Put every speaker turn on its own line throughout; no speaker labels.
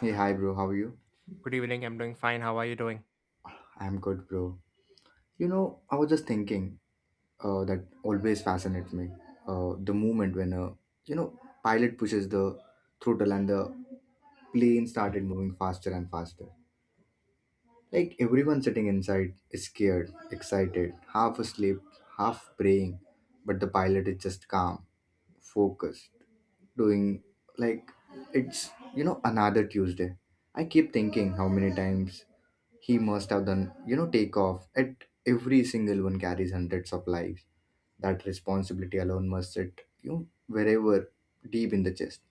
Hey, hi, bro. How are you?
Good evening. I'm doing fine. How are you doing?
I'm good, bro. You know, I was just thinking, that always fascinates me, the moment when a pilot pushes the throttle and the plane started moving faster and faster. Like everyone sitting inside is scared, excited, half asleep, half praying, but the pilot is just calm, focused, doing like it's another Tuesday. I keep thinking how many times he must have done, take off, at every single one carries hundreds of lives. That responsibility alone must sit, wherever, deep in the chest,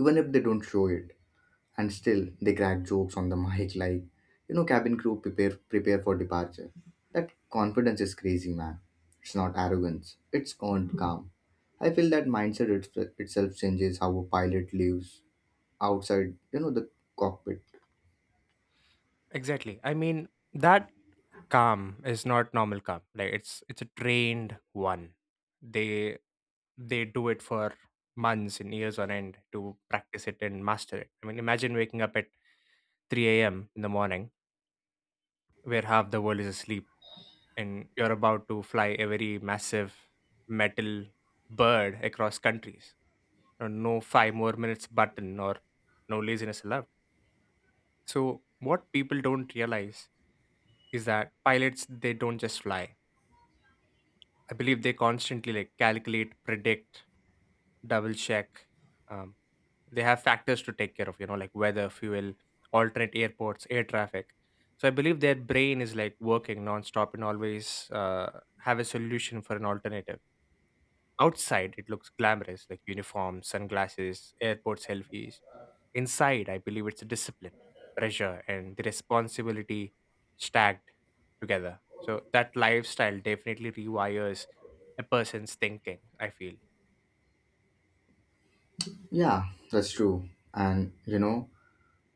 even if they don't show it. And still they crack jokes on the mic like, cabin crew, prepare for departure. That confidence is crazy, man. It's not arrogance, it's earned calm. I feel that mindset, itself changes how a pilot lives outside, the cockpit.
Exactly. I mean, that calm is not normal calm. Like it's a trained one. They they do it for months and years on end to practice it and master it. I mean, imagine waking up at 3 a.m. in the morning where half the world is asleep and you're about to fly a very massive metal bird across countries. You know, no five more minutes button or no laziness allowed. So what people don't realize is that pilots they don't just fly. I believe they constantly like calculate, predict, double check. Um, they have factors to take care of, you know, like weather, fuel, alternate airports, air traffic. So I believe their brain is like working nonstop and always have a solution for an alternative. Outside, it looks glamorous, like uniforms, sunglasses, airport selfies. Inside, I believe it's a discipline, pressure, and the responsibility stacked together. So that lifestyle definitely rewires a person's thinking, I feel.
Yeah, that's true. And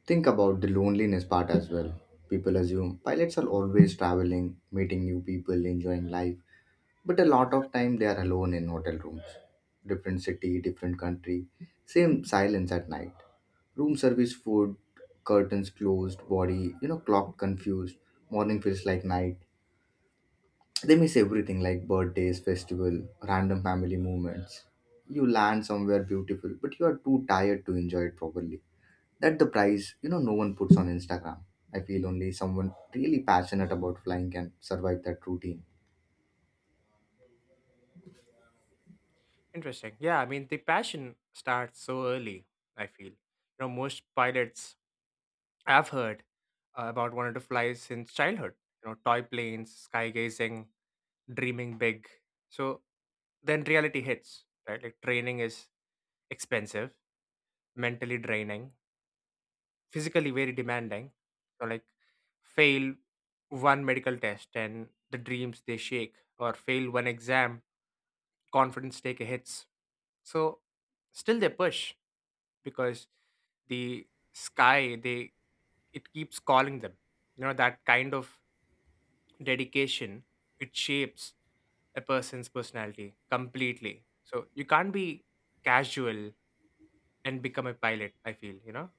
think about the loneliness part as well. People assume pilots are always traveling, meeting new people, enjoying life, but a lot of time they are alone in hotel rooms, different city, different country, same silence at night, room service food, curtains closed, body clock confused, morning feels like night. They miss everything like birthdays, festival, random family moments. You land somewhere beautiful but you are too tired to enjoy it properly. That the price, no one puts on Instagram. I feel only someone really passionate about flying can survive that routine.
Interesting. Yeah, I mean, the passion starts so early, I feel. You know, most pilots I've heard about wanted to fly since childhood. You know, toy planes, skygazing, dreaming big. So then reality hits, right? Like training is expensive, mentally draining, physically very demanding. So like fail one medical test and the dreams they shake, or fail one exam, confidence take a hits. So still they push because the sky they it keeps calling them. You know that kind of dedication it shapes a person's personality completely. So you can't be casual and become a pilot, I feel, you know?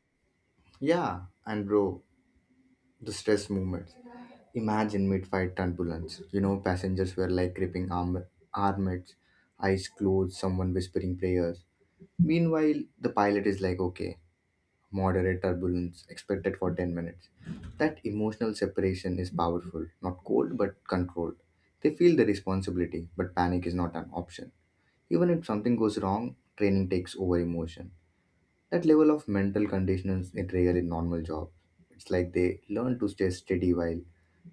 Yeah, and bro, the stress movement. Imagine mid-fight turbulence. You know, passengers were like gripping armlets, eyes closed, someone whispering prayers. Meanwhile, the pilot is like, okay, moderate turbulence expected for 10 minutes. That emotional separation is powerful, not cold, but controlled. They feel the responsibility, but panic is not an option. Even if something goes wrong, training takes over emotion. That level of mental conditions is rare in normal jobs. It's like they learn to stay steady while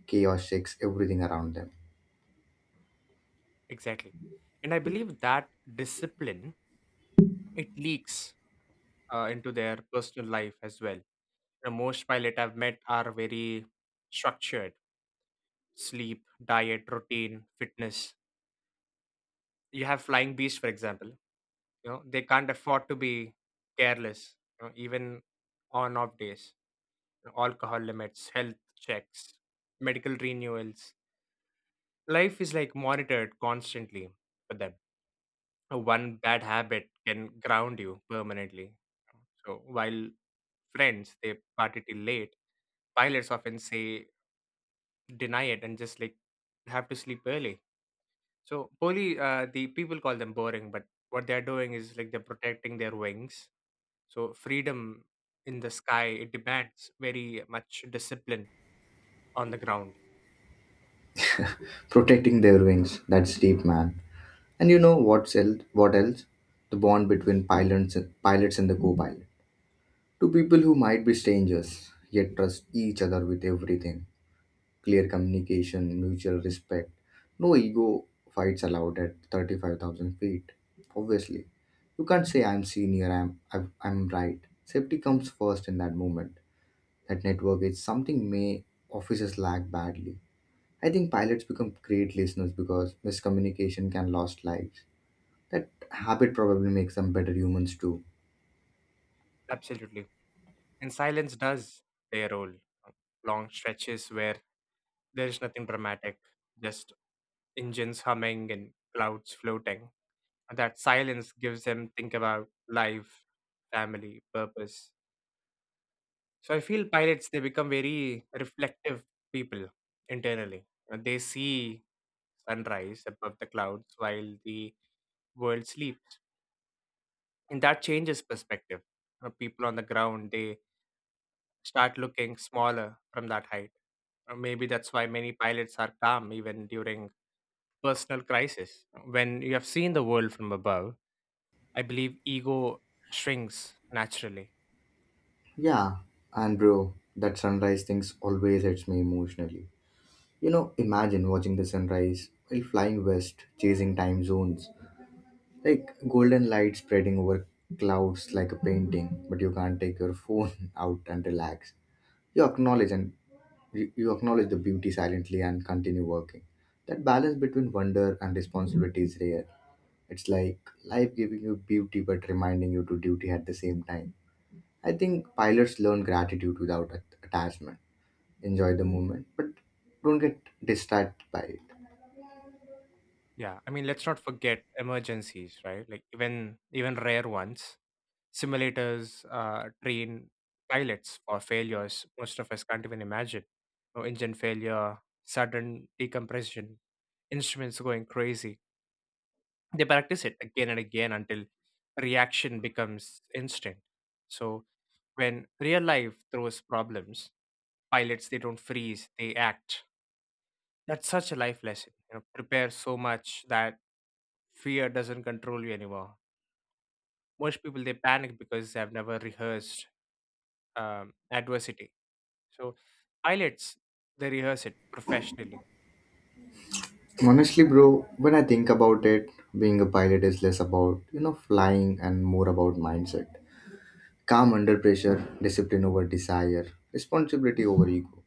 chaos shakes everything around them.
Exactly. And I believe that discipline, it leaks into their personal life as well. You know, most pilot I've met are very structured sleep, diet, routine, fitness. You have Flying Beast, for example. You know, they can't afford to be careless, you know, even on off days. You know, alcohol limits, health checks, medical renewals life is like monitored constantly for them. One bad habit can ground you permanently. So while friends they party till late, pilots often say deny it and just like have to sleep early. So the people call them boring, but what they're doing is like they're protecting their wings. So freedom in the sky it demands very much discipline on the ground.
Protecting their wings, that's deep, man. And you know what else? The bond between pilots and the co-pilot. Two people who might be strangers, yet trust each other with everything. Clear communication, mutual respect. No ego fights allowed at 35,000 feet. Obviously, you can't say I'm senior, I'm right. Safety comes first in that moment. That network is something may officers lack badly. I think pilots become great listeners because miscommunication can last lives. That habit probably makes them better humans too.
Absolutely, and silence does their role. Long stretches where there's nothing dramatic, just engines humming and clouds floating. That silence gives them think about life, family, purpose. So I feel pilots they become very reflective people internally. And they see sunrise above the clouds while the world sleeps. And that changes perspective. You know, people on the ground they start looking smaller from that height. Or maybe that's why many pilots are calm even during personal crisis. When you have seen the world from above, I believe ego shrinks naturally.
Yeah, and bro, that sunrise things always hits me emotionally. You know, imagine watching the sunrise while flying west, chasing time zones, like golden light spreading over clouds like a painting, but you can't take your phone out and relax. You acknowledge and you acknowledge the beauty silently and continue working. That balance between wonder and responsibility is rare. It's like life giving you beauty but reminding you to duty at the same time. I think pilots learn gratitude without attachment. Enjoy the moment, but don't get distracted by it.
Yeah, I mean, let's not forget emergencies, right? Like even rare ones. Simulators train pilots for failures. Most of us can't even imagine. No engine failure, sudden decompression, instruments going crazy. They practice it again and again until reaction becomes instinct. So when real life throws problems pilots, they don't freeze, they act. That's such a life lesson. You know, prepare so much that fear doesn't control you anymore. Most people they panic because they have never rehearsed adversity. So pilots they rehearse it professionally.
Honestly, bro, when I think about it, being a pilot is less about, you know, flying and more about mindset. Calm under pressure, discipline over desire, responsibility over ego.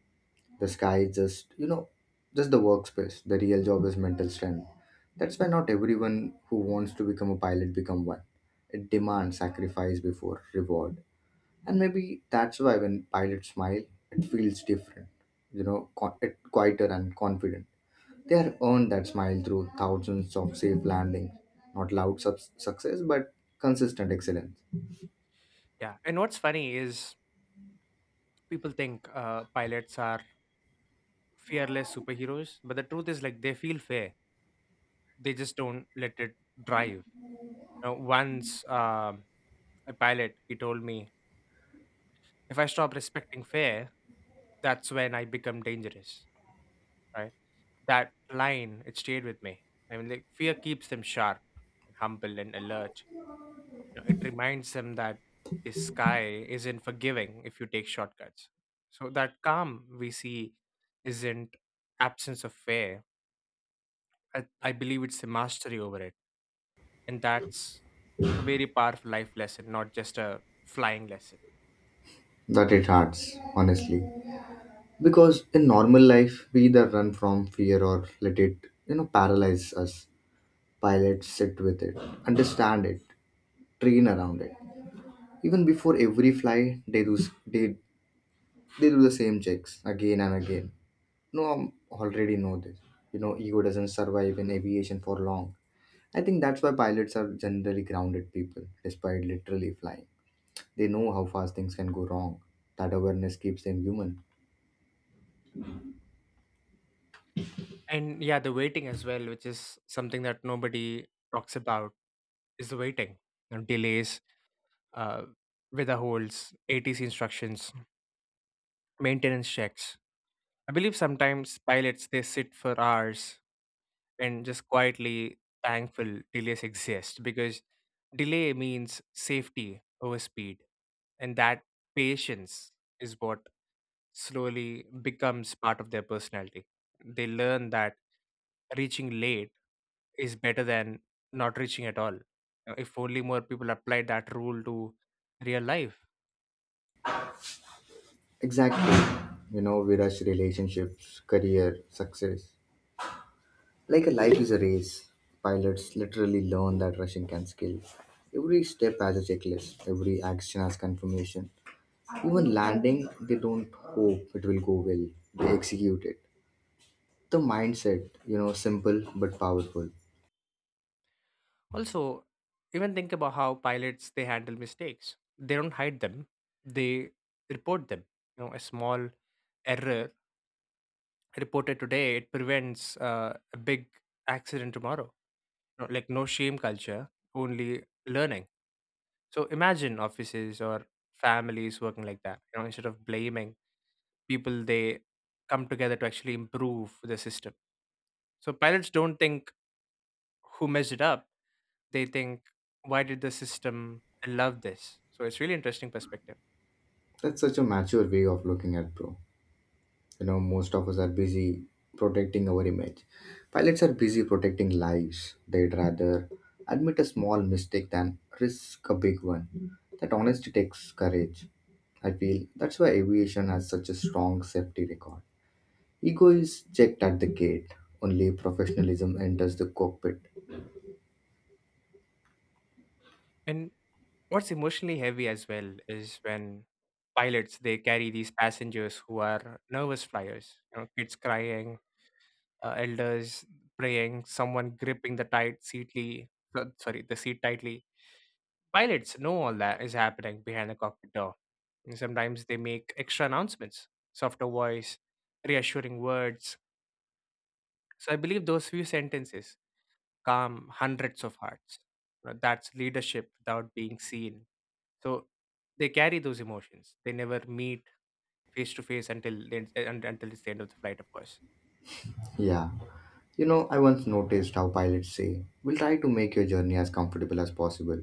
The sky is just the workspace. The real job is mental strength. That's why not everyone who wants to become a pilot become one. It demands sacrifice before reward. And maybe that's why when pilots smile, it feels different, it quieter and confident. They are earned that smile through thousands of safe landings, not loud subs success, but consistent excellence.
Yeah, and what's funny is people think pilots are fearless superheroes, but the truth is like they feel fear. They just don't let it drive. Once a pilot, he told me if I stop respecting fear, that's when I become dangerous, right? That line, it stayed with me. I mean, like fear keeps them sharp and humble and alert. You know, it reminds them that the sky isn't forgiving if you take shortcuts. So that calm we see isn't absence of fear. I believe it's the mastery over it, and that's a very powerful life lesson, not just a flying lesson.
That it hurts, honestly. Because in normal life, we either run from fear or let it, paralyze us. Pilots sit with it, understand it, train around it. Even before every flight, they do the same checks again and again. No, I already know this. You know, ego doesn't survive in aviation for long. I think that's why pilots are generally grounded people, despite literally flying. They know how fast things can go wrong. That awareness keeps them human.
And yeah, the waiting as well, which is something that nobody talks about is the waiting, you know, delays, uh, weather holds, ATC instructions, maintenance checks. I believe sometimes pilots they sit for hours and just quietly thankful delays exist because delay means safety over speed, and that patience is what slowly becomes part of their personality. They learn that reaching late is better than not reaching at all. If only more people applied that rule to real life.
Exactly. You know, we rush relationships, career, success, like a life is a race. Pilots literally learn that rushing can skill. Every step has a checklist, every action has confirmation. Even landing, they don't hope it will go well. They execute it. The mindset, you know, simple but powerful.
Also, even think about how pilots they handle mistakes. They don't hide them; they report them. You know, a small error reported today it prevents a big accident tomorrow. No- Like no shame culture, only learning. So imagine offices or families working like that. You know, instead of blaming people they come together to actually improve the system. So pilots don't think who messed it up. They think why did the system allow this? So it's really interesting perspective.
That's such a mature way of looking at, bro. You know, most of us are busy protecting our image. Pilots are busy protecting lives. They'd rather admit a small mistake than risk a big one. That honesty takes courage. I feel that's why aviation has such a strong safety record. Ego is checked at the gate, only professionalism enters the cockpit.
And what's emotionally heavy as well is when pilots they carry these passengers who are nervous flyers. You know, kids crying, elders praying, someone gripping the tight seatly. Sorry, the seat tightly. Pilots know all that is happening behind the cockpit door. And sometimes they make extra announcements, softer voice, reassuring words. So I believe those few sentences calm hundreds of hearts. You know, that's leadership without being seen. So they carry those emotions. They never meet face to face until until it's the end of the flight, of course.
Yeah. You know, I once noticed how pilots say, we'll try to make your journey as comfortable as possible.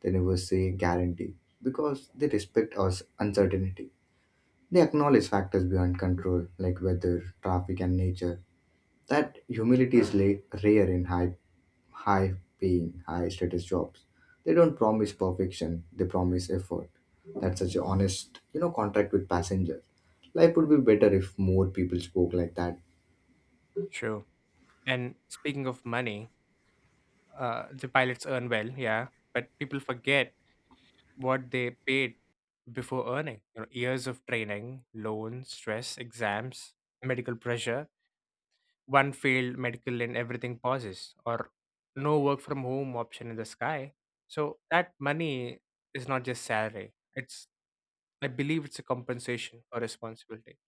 They never say guarantee because they respect us uncertainty. They acknowledge factors beyond control like weather, traffic, and nature. That humility is rare in high paying, high status jobs. They don't promise perfection, they promise effort. That's such an honest, you know, contract with passengers. Life would be better if more people spoke like that.
True. And speaking of money, the pilots earn well, yeah, but people forget what they paid before earning. You know, years of training, loans, stress, exams, medical pressure. One failed medical and everything pauses, or no work from home option in the sky. So that money is not just salary. It's, I believe, it's a compensation or responsibility.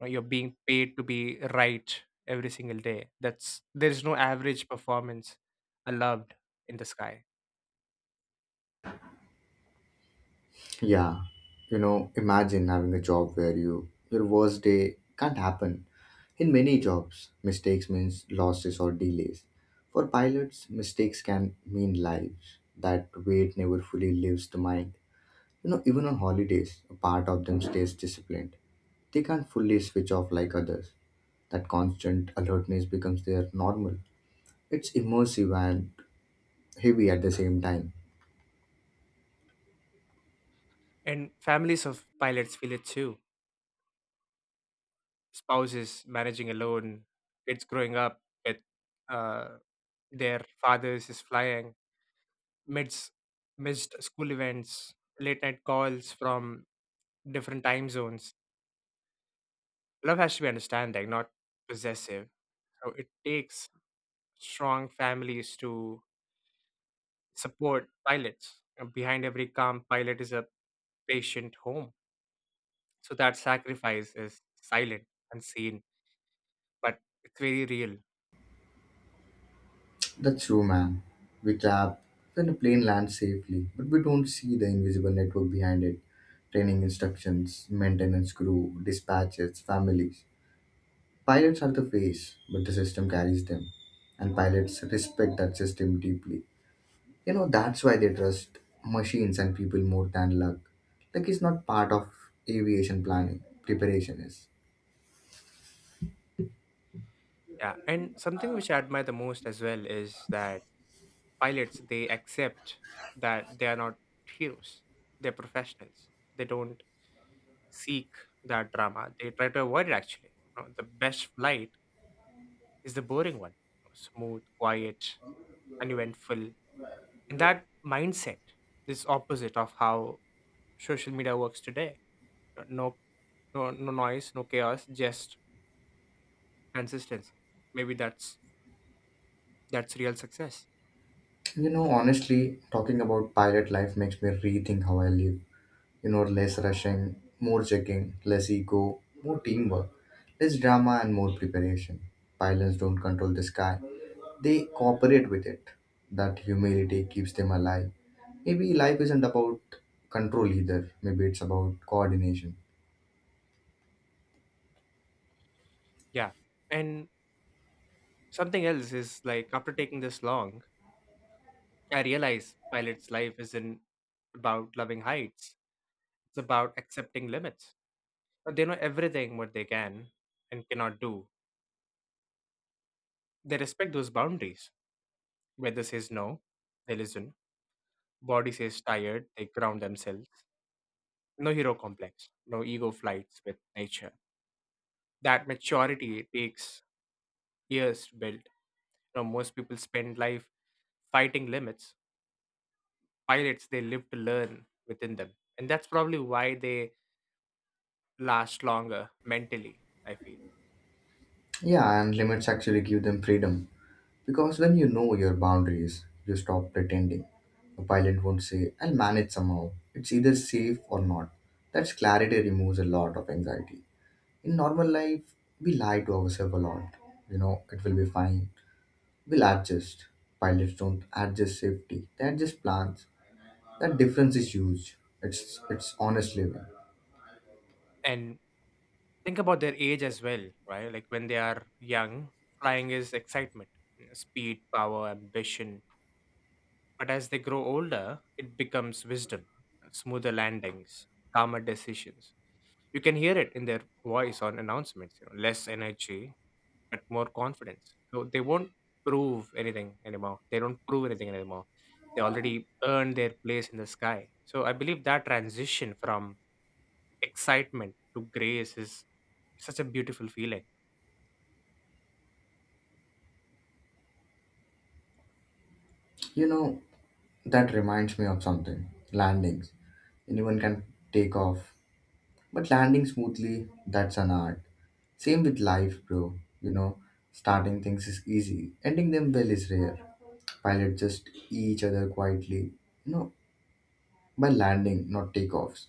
Now, you're being paid to be right every single day. That's, there's no average performance allowed in the sky.
Yeah, you know, imagine having a job where your worst day can't happen. In many jobs, mistakes means losses or delays. For pilots, mistakes can mean lives. That weight never fully leaves the mind. You know, even on holidays, a part of them stays disciplined. They can't fully switch off like others. That constant alertness becomes their normal. It's immersive and heavy at the same time.
And families of pilots feel it too. Spouses managing alone, kids growing up with uh, their fathers is flying, midst missed school events, late night calls from different time zones. Love has to be understanding, not possessive. So it takes strong families to support pilots. And behind every calm pilot is a patient home. So that sacrifice is silent, unseen, but it's very real.
That's true, man. We clap when the plane lands safely, but we don't see the invisible network behind it. Training instructions, maintenance crew, dispatches, families. Pilots are the face, but the system carries them. And pilots respect that system deeply. You know, that's why they trust machines and people more than luck. Luck is not part of aviation planning, preparation is.
Yeah. And something which I admire the most as well is that pilots they accept that they are not heroes. They're professionals. They don't seek that drama. They try to avoid it actually. You know, the best flight is the boring one. Smooth, quiet, uneventful. And that mindset is opposite of how social media works today. No no noise, no chaos, just consistency. Maybe that's real success.
You know, honestly, talking about pilot life makes me rethink how I live. Less rushing, more checking, less ego, more teamwork, less drama and more preparation. Pilots don't control the sky, they cooperate with it. That humility keeps them alive. Maybe life isn't about control either, maybe it's about coordination.
Yeah. And something else is like after taking this long, I realize pilot's life isn't about loving heights. It's about accepting limits. They know everything what they can and cannot do. They respect those boundaries. Weather says no, they listen. Body says tired, they ground themselves. No hero complex, no ego flights with nature. That maturity takes years to build. You know, most people spend life fighting limits. Pilots, they live to learn within them. And that's probably why they last longer mentally, I feel.
Yeah, and limits actually give them freedom, because when you know your boundaries you stop pretending. A pilot won't say I'll manage somehow. It's either safe or not. That's clarity, removes a lot of anxiety. In normal life, we lie to ourselves a lot. You know, it will be fine, we'll adjust. Pilots don't adjust safety, they adjust plans. That difference is huge. It's honest living.
And think about their age as well, right? Like when they are young, flying is excitement, you know, speed, power, ambition. But as they grow older, it becomes wisdom, smoother landings, calmer decisions. You can hear it in their voice on announcements, you know, less energy, but more confidence. So they won't prove anything anymore. They don't prove anything anymore. They already earned their place in the sky. So I believe that transition from excitement to grace is such a beautiful feeling.
You know, that reminds me of something. Landings. Anyone can take off. But landing smoothly, that's an art. Same with life, bro. You know, starting things is easy. Ending them well is rare. Pilots just each other quietly, you know, by landing, not takeoffs.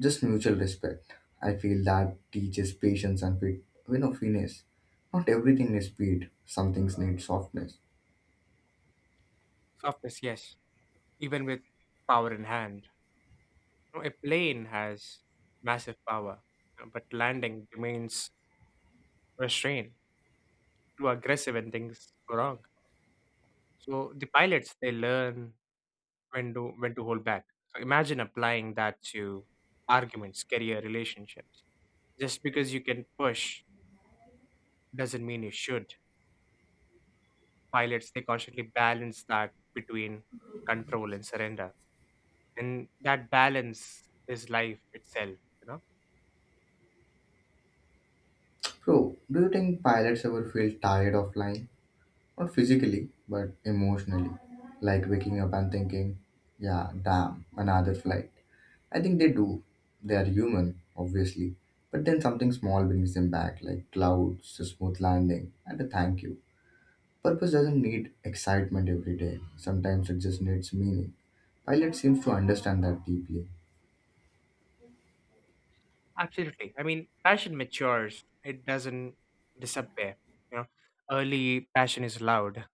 Just mutual respect. I feel that teaches patience and fit, you know, finesse. Not everything needs speed. Some things need softness.
Softness, yes, even with power in hand. You know, a plane has massive power, you know, but landing remains restrained, too aggressive when things go wrong. So the pilots they learn when to hold back. So imagine applying that to arguments, career, relationships. Just because you can push doesn't mean you should. Pilots they constantly balance that between control and surrender, and that balance is life itself, you know.
Bro, do you think pilots ever feel tired of flying? Not physically, but emotionally. Like waking up and thinking, yeah, damn, another flight. I think they do. They are human, obviously. But then something small brings them back, like clouds, a smooth landing, and a thank you. Purpose doesn't need excitement every day. Sometimes it just needs meaning. Pilot seems to understand that deeply.
Absolutely. I mean, passion matures. It doesn't disappear. You know, early passion is loud.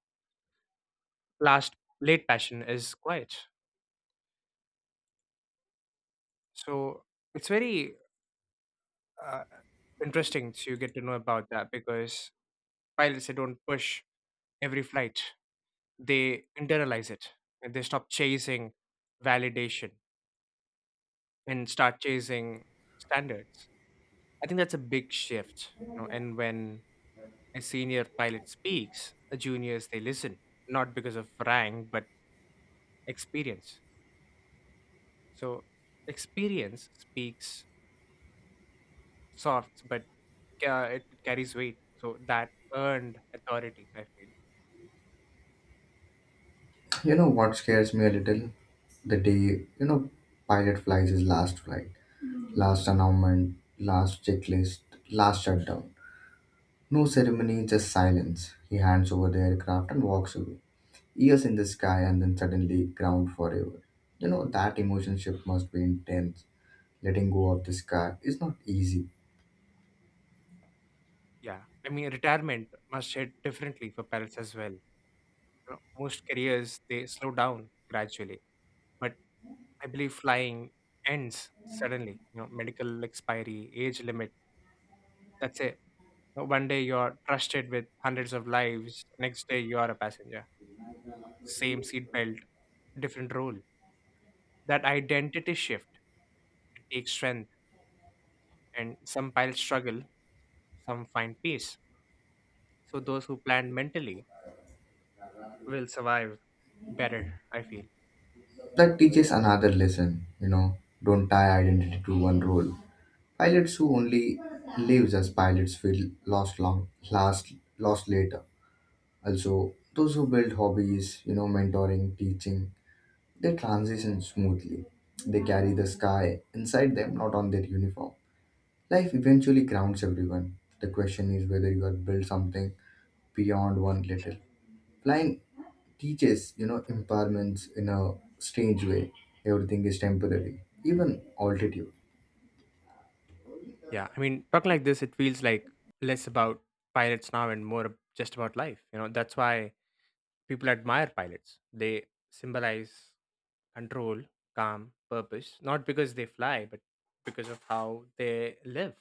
Last Late passion is quiet. So it's very uh, interesting to get to know about that because pilots they don't push every flight. They internalize it and they stop chasing validation and start chasing standards. I think that's a big shift. You know, and when a senior pilot speaks, a juniors they listen, not because of rank but experience. So experience speaks soft, but it carries weight. So that earned authority, I feel.
You know what scares me a little? The day, you know, pilot flies his last flight, last announcement, last checklist, last shutdown. No ceremony, just silence. He hands over the aircraft and walks away. Years in the sky, and then suddenly ground forever. You know, that emotion shift must be intense. Letting go of the sky is not easy.
Yeah, I mean retirement must hit differently for pilots as well. You know, most careers they slow down gradually, but I believe flying ends suddenly. You know, medical expiry, age limit. That's a One day you're trusted with hundreds of lives, next day you are a passenger. Same seat belt, different role. That identity shift, it takes strength, and some pilots struggle, some find peace. So those who plan mentally will survive better, I feel.
That teaches another lesson. You know, don't tie identity to one role. Pilots who only lives as pilots will lost long last lost later. Also, those who build hobbies, you know, mentoring, teaching, they transition smoothly. They carry the sky inside them, not on their uniform. Life eventually grounds everyone. The question is whether you are built something beyond one little. Flying teaches, you know, empowerments in a strange way. Everything is temporary, even altitude.
Yeah, I mean, talking like this, it feels like less about pilots now and more just about life. You know, that's why people admire pilots. They symbolize control, calm, purpose, not because they fly, but because of how they live.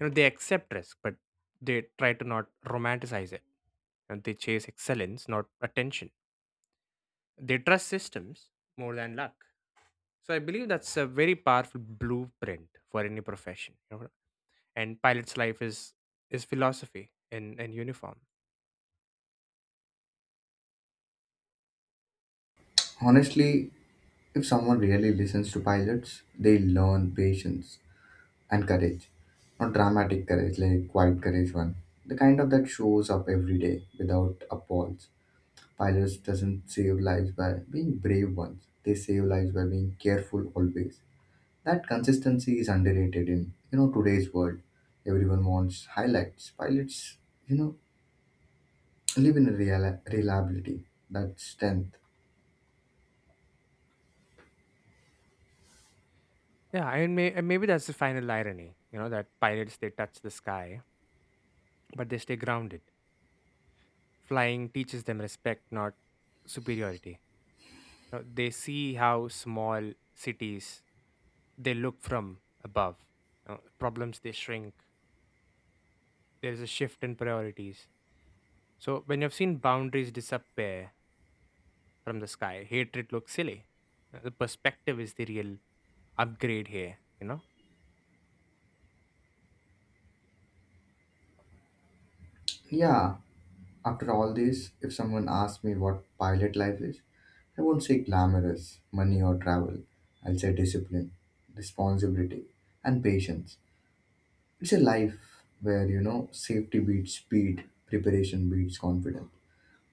You know, they accept risk, but they try to not romanticize it. And they chase excellence, not attention. They trust systems more than luck. So I believe that's a very powerful blueprint for any profession, you know? And pilot's life is philosophy in uniform.
Honestly, if someone really listens to pilots, they learn patience and courage. Not dramatic courage, like quiet courage one. The kind of that shows up every day without a pause. Pilots doesn't save lives by being brave ones. They save lives by being careful always. That consistency is underrated in today's world. Everyone wants highlights, while it's you know live in real reliability. That's strength.
Yeah, and maybe that's the final irony, you know, that pilots, they touch the sky but they stay grounded. Flying teaches them respect, not superiority. You know, they see how small cities they look from above. You know, problems, they shrink. There is a shift in priorities. So when you've seen boundaries disappear from the sky, hatred looks silly. You know, the perspective is the real upgrade here.
Yeah. After all this, if someone asks me what pilot life is, I won't say glamorous, money or travel. I'll say discipline, responsibility, and patience. It's a life where you know safety beats speed, preparation beats confidence,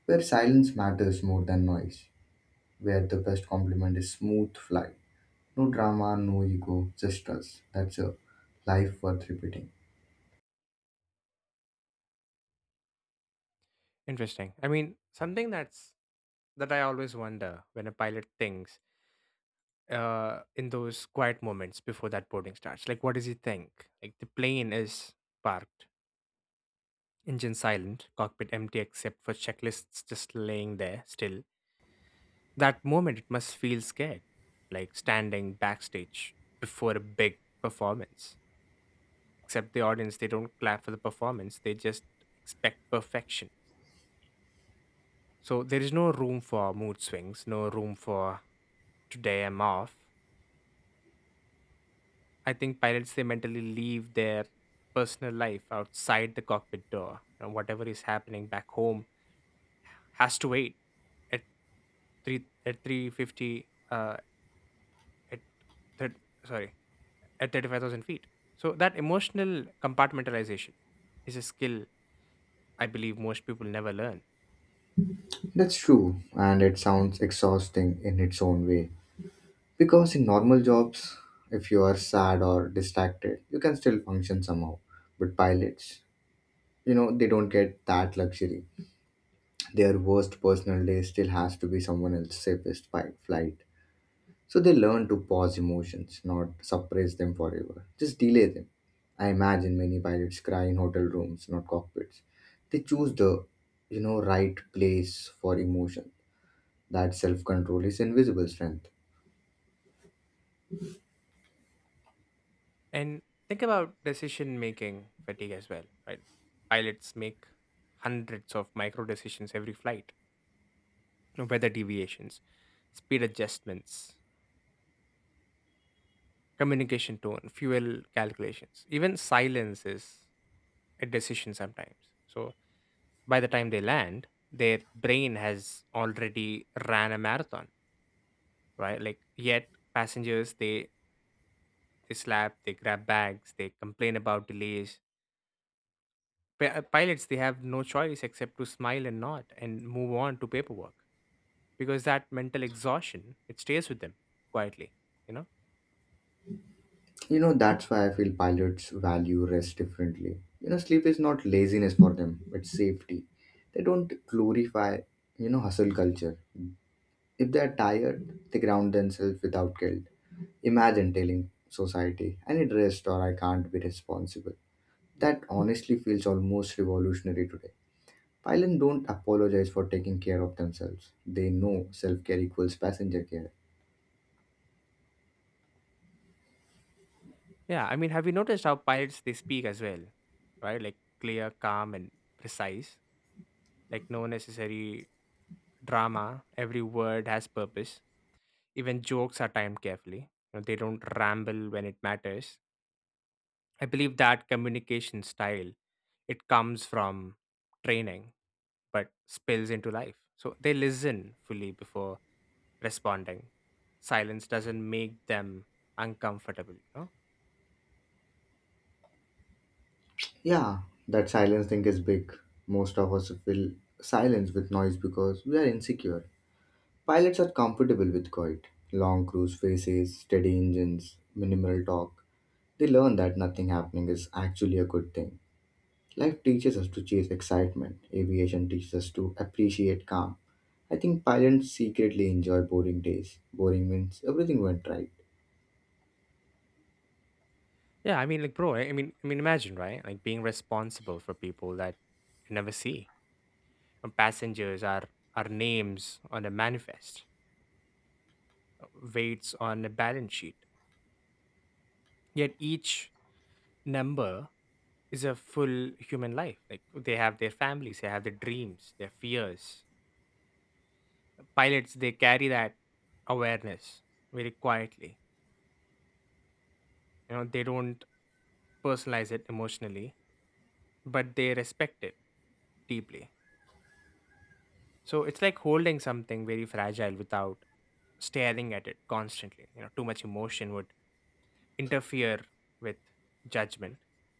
where silence matters more than noise, where the best compliment is smooth flight. No drama, no ego, just us. That's a life worth repeating.
Interesting. I mean, something that's that I always wonder, when a pilot thinks, in those quiet moments before that boarding starts. Like, what does he think? Like, the plane is parked, engine silent, cockpit empty except for checklists just laying there still. That moment, it must feel scared, like standing backstage before a big performance. Except the audience, they don't clap for the performance, they just expect perfection. So there is no room for mood swings, no room for today I'm off. I think pilots, they mentally leave their personal life outside the cockpit door. You know, whatever is happening back home has to wait at at three fifty at thir- sorry at 35,000 feet. So that emotional compartmentalization is a skill I believe most people never learn.
That's true, and it sounds exhausting in its own way. Because in normal jobs, if you are sad or distracted, you can still function somehow. But pilots, you know, they don't get that luxury. Their worst personal day still has to be someone else's safest flight. So they learn to pause emotions, not suppress them forever, just delay them. I imagine many pilots cry in hotel rooms, not cockpits. They choose the, you know, right place for emotion. That self-control is invisible strength.
And think about decision making fatigue as well, right? Pilots make hundreds of micro decisions every flight: weather deviations, speed adjustments, communication tone, fuel calculations. Even silence is a decision sometimes. So by the time they land, their brain has already ran a marathon, right? Like, yet passengers, they slap, they grab bags, they complain about delays. Pilots, they have no choice except to smile and nod and move on to paperwork, because that mental exhaustion, it stays with them quietly you know
You know, that's why I feel pilots value rest differently. You know, sleep is not laziness for them, it's safety. They don't glorify, you know, hustle culture. If they are tired, they ground themselves without guilt. Imagine telling society, I need rest or I can't be responsible. That honestly feels almost revolutionary today. Pilots don't apologize for taking care of themselves. They know self care equals passenger care.
Yeah, I mean, have you noticed how pilots they speak as well, right? Like clear, calm, and precise. Like no necessary drama. Every word has purpose. Even jokes are timed carefully. You know, they don't ramble when it matters. I believe that communication style, it comes from training, but spills into life. So they listen fully before responding. Silence doesn't make them uncomfortable, you know?
Yeah, that silence thing is big. Most of us fill silence with noise because we are insecure. Pilots are comfortable with quiet, long cruise phases, steady engines, minimal talk. They learn that nothing happening is actually a good thing. Life teaches us to chase excitement. Aviation teaches us to appreciate calm. I think pilots secretly enjoy boring days. Boring means everything went right.
Yeah, I mean, like, bro, imagine, right? Like being responsible for people that you never see. And passengers are names on a manifest, weights on a balance sheet. Yet each number is a full human life. Like, they have their families, they have their dreams, their fears. Pilots, they carry that awareness very quietly. You know, they don't personalize it emotionally, but they respect it deeply. So it's like holding something very fragile without staring at it constantly. You know, too much emotion would interfere with judgment.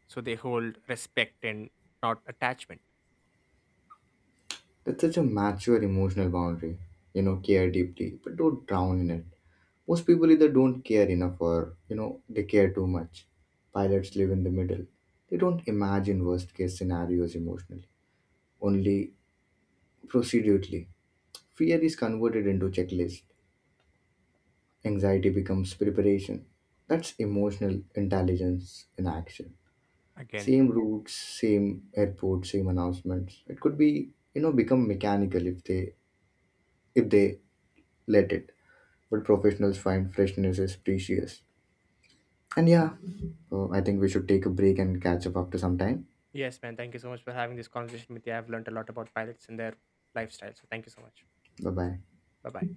So they hold respect and not attachment
That's such a mature emotional boundary. You know, care deeply, but don't drown in it. Most people either don't care enough or, you know, they care too much. Pilots live in the middle. They don't imagine worst case scenarios emotionally, only procedurally. Fear is converted into checklist. Anxiety becomes preparation. That's emotional intelligence in action.
again.
Same routes, same airport, same announcements. It could be, you know, become mechanical if they if they let it. But professionals find freshness is precious. And yeah, I think we should take a break and catch up after some time.
Yes, man. Thank you so much for having this conversation with you. I've learned a lot about pilots and their lifestyle. So thank you so much.
Bye bye.
Bye bye.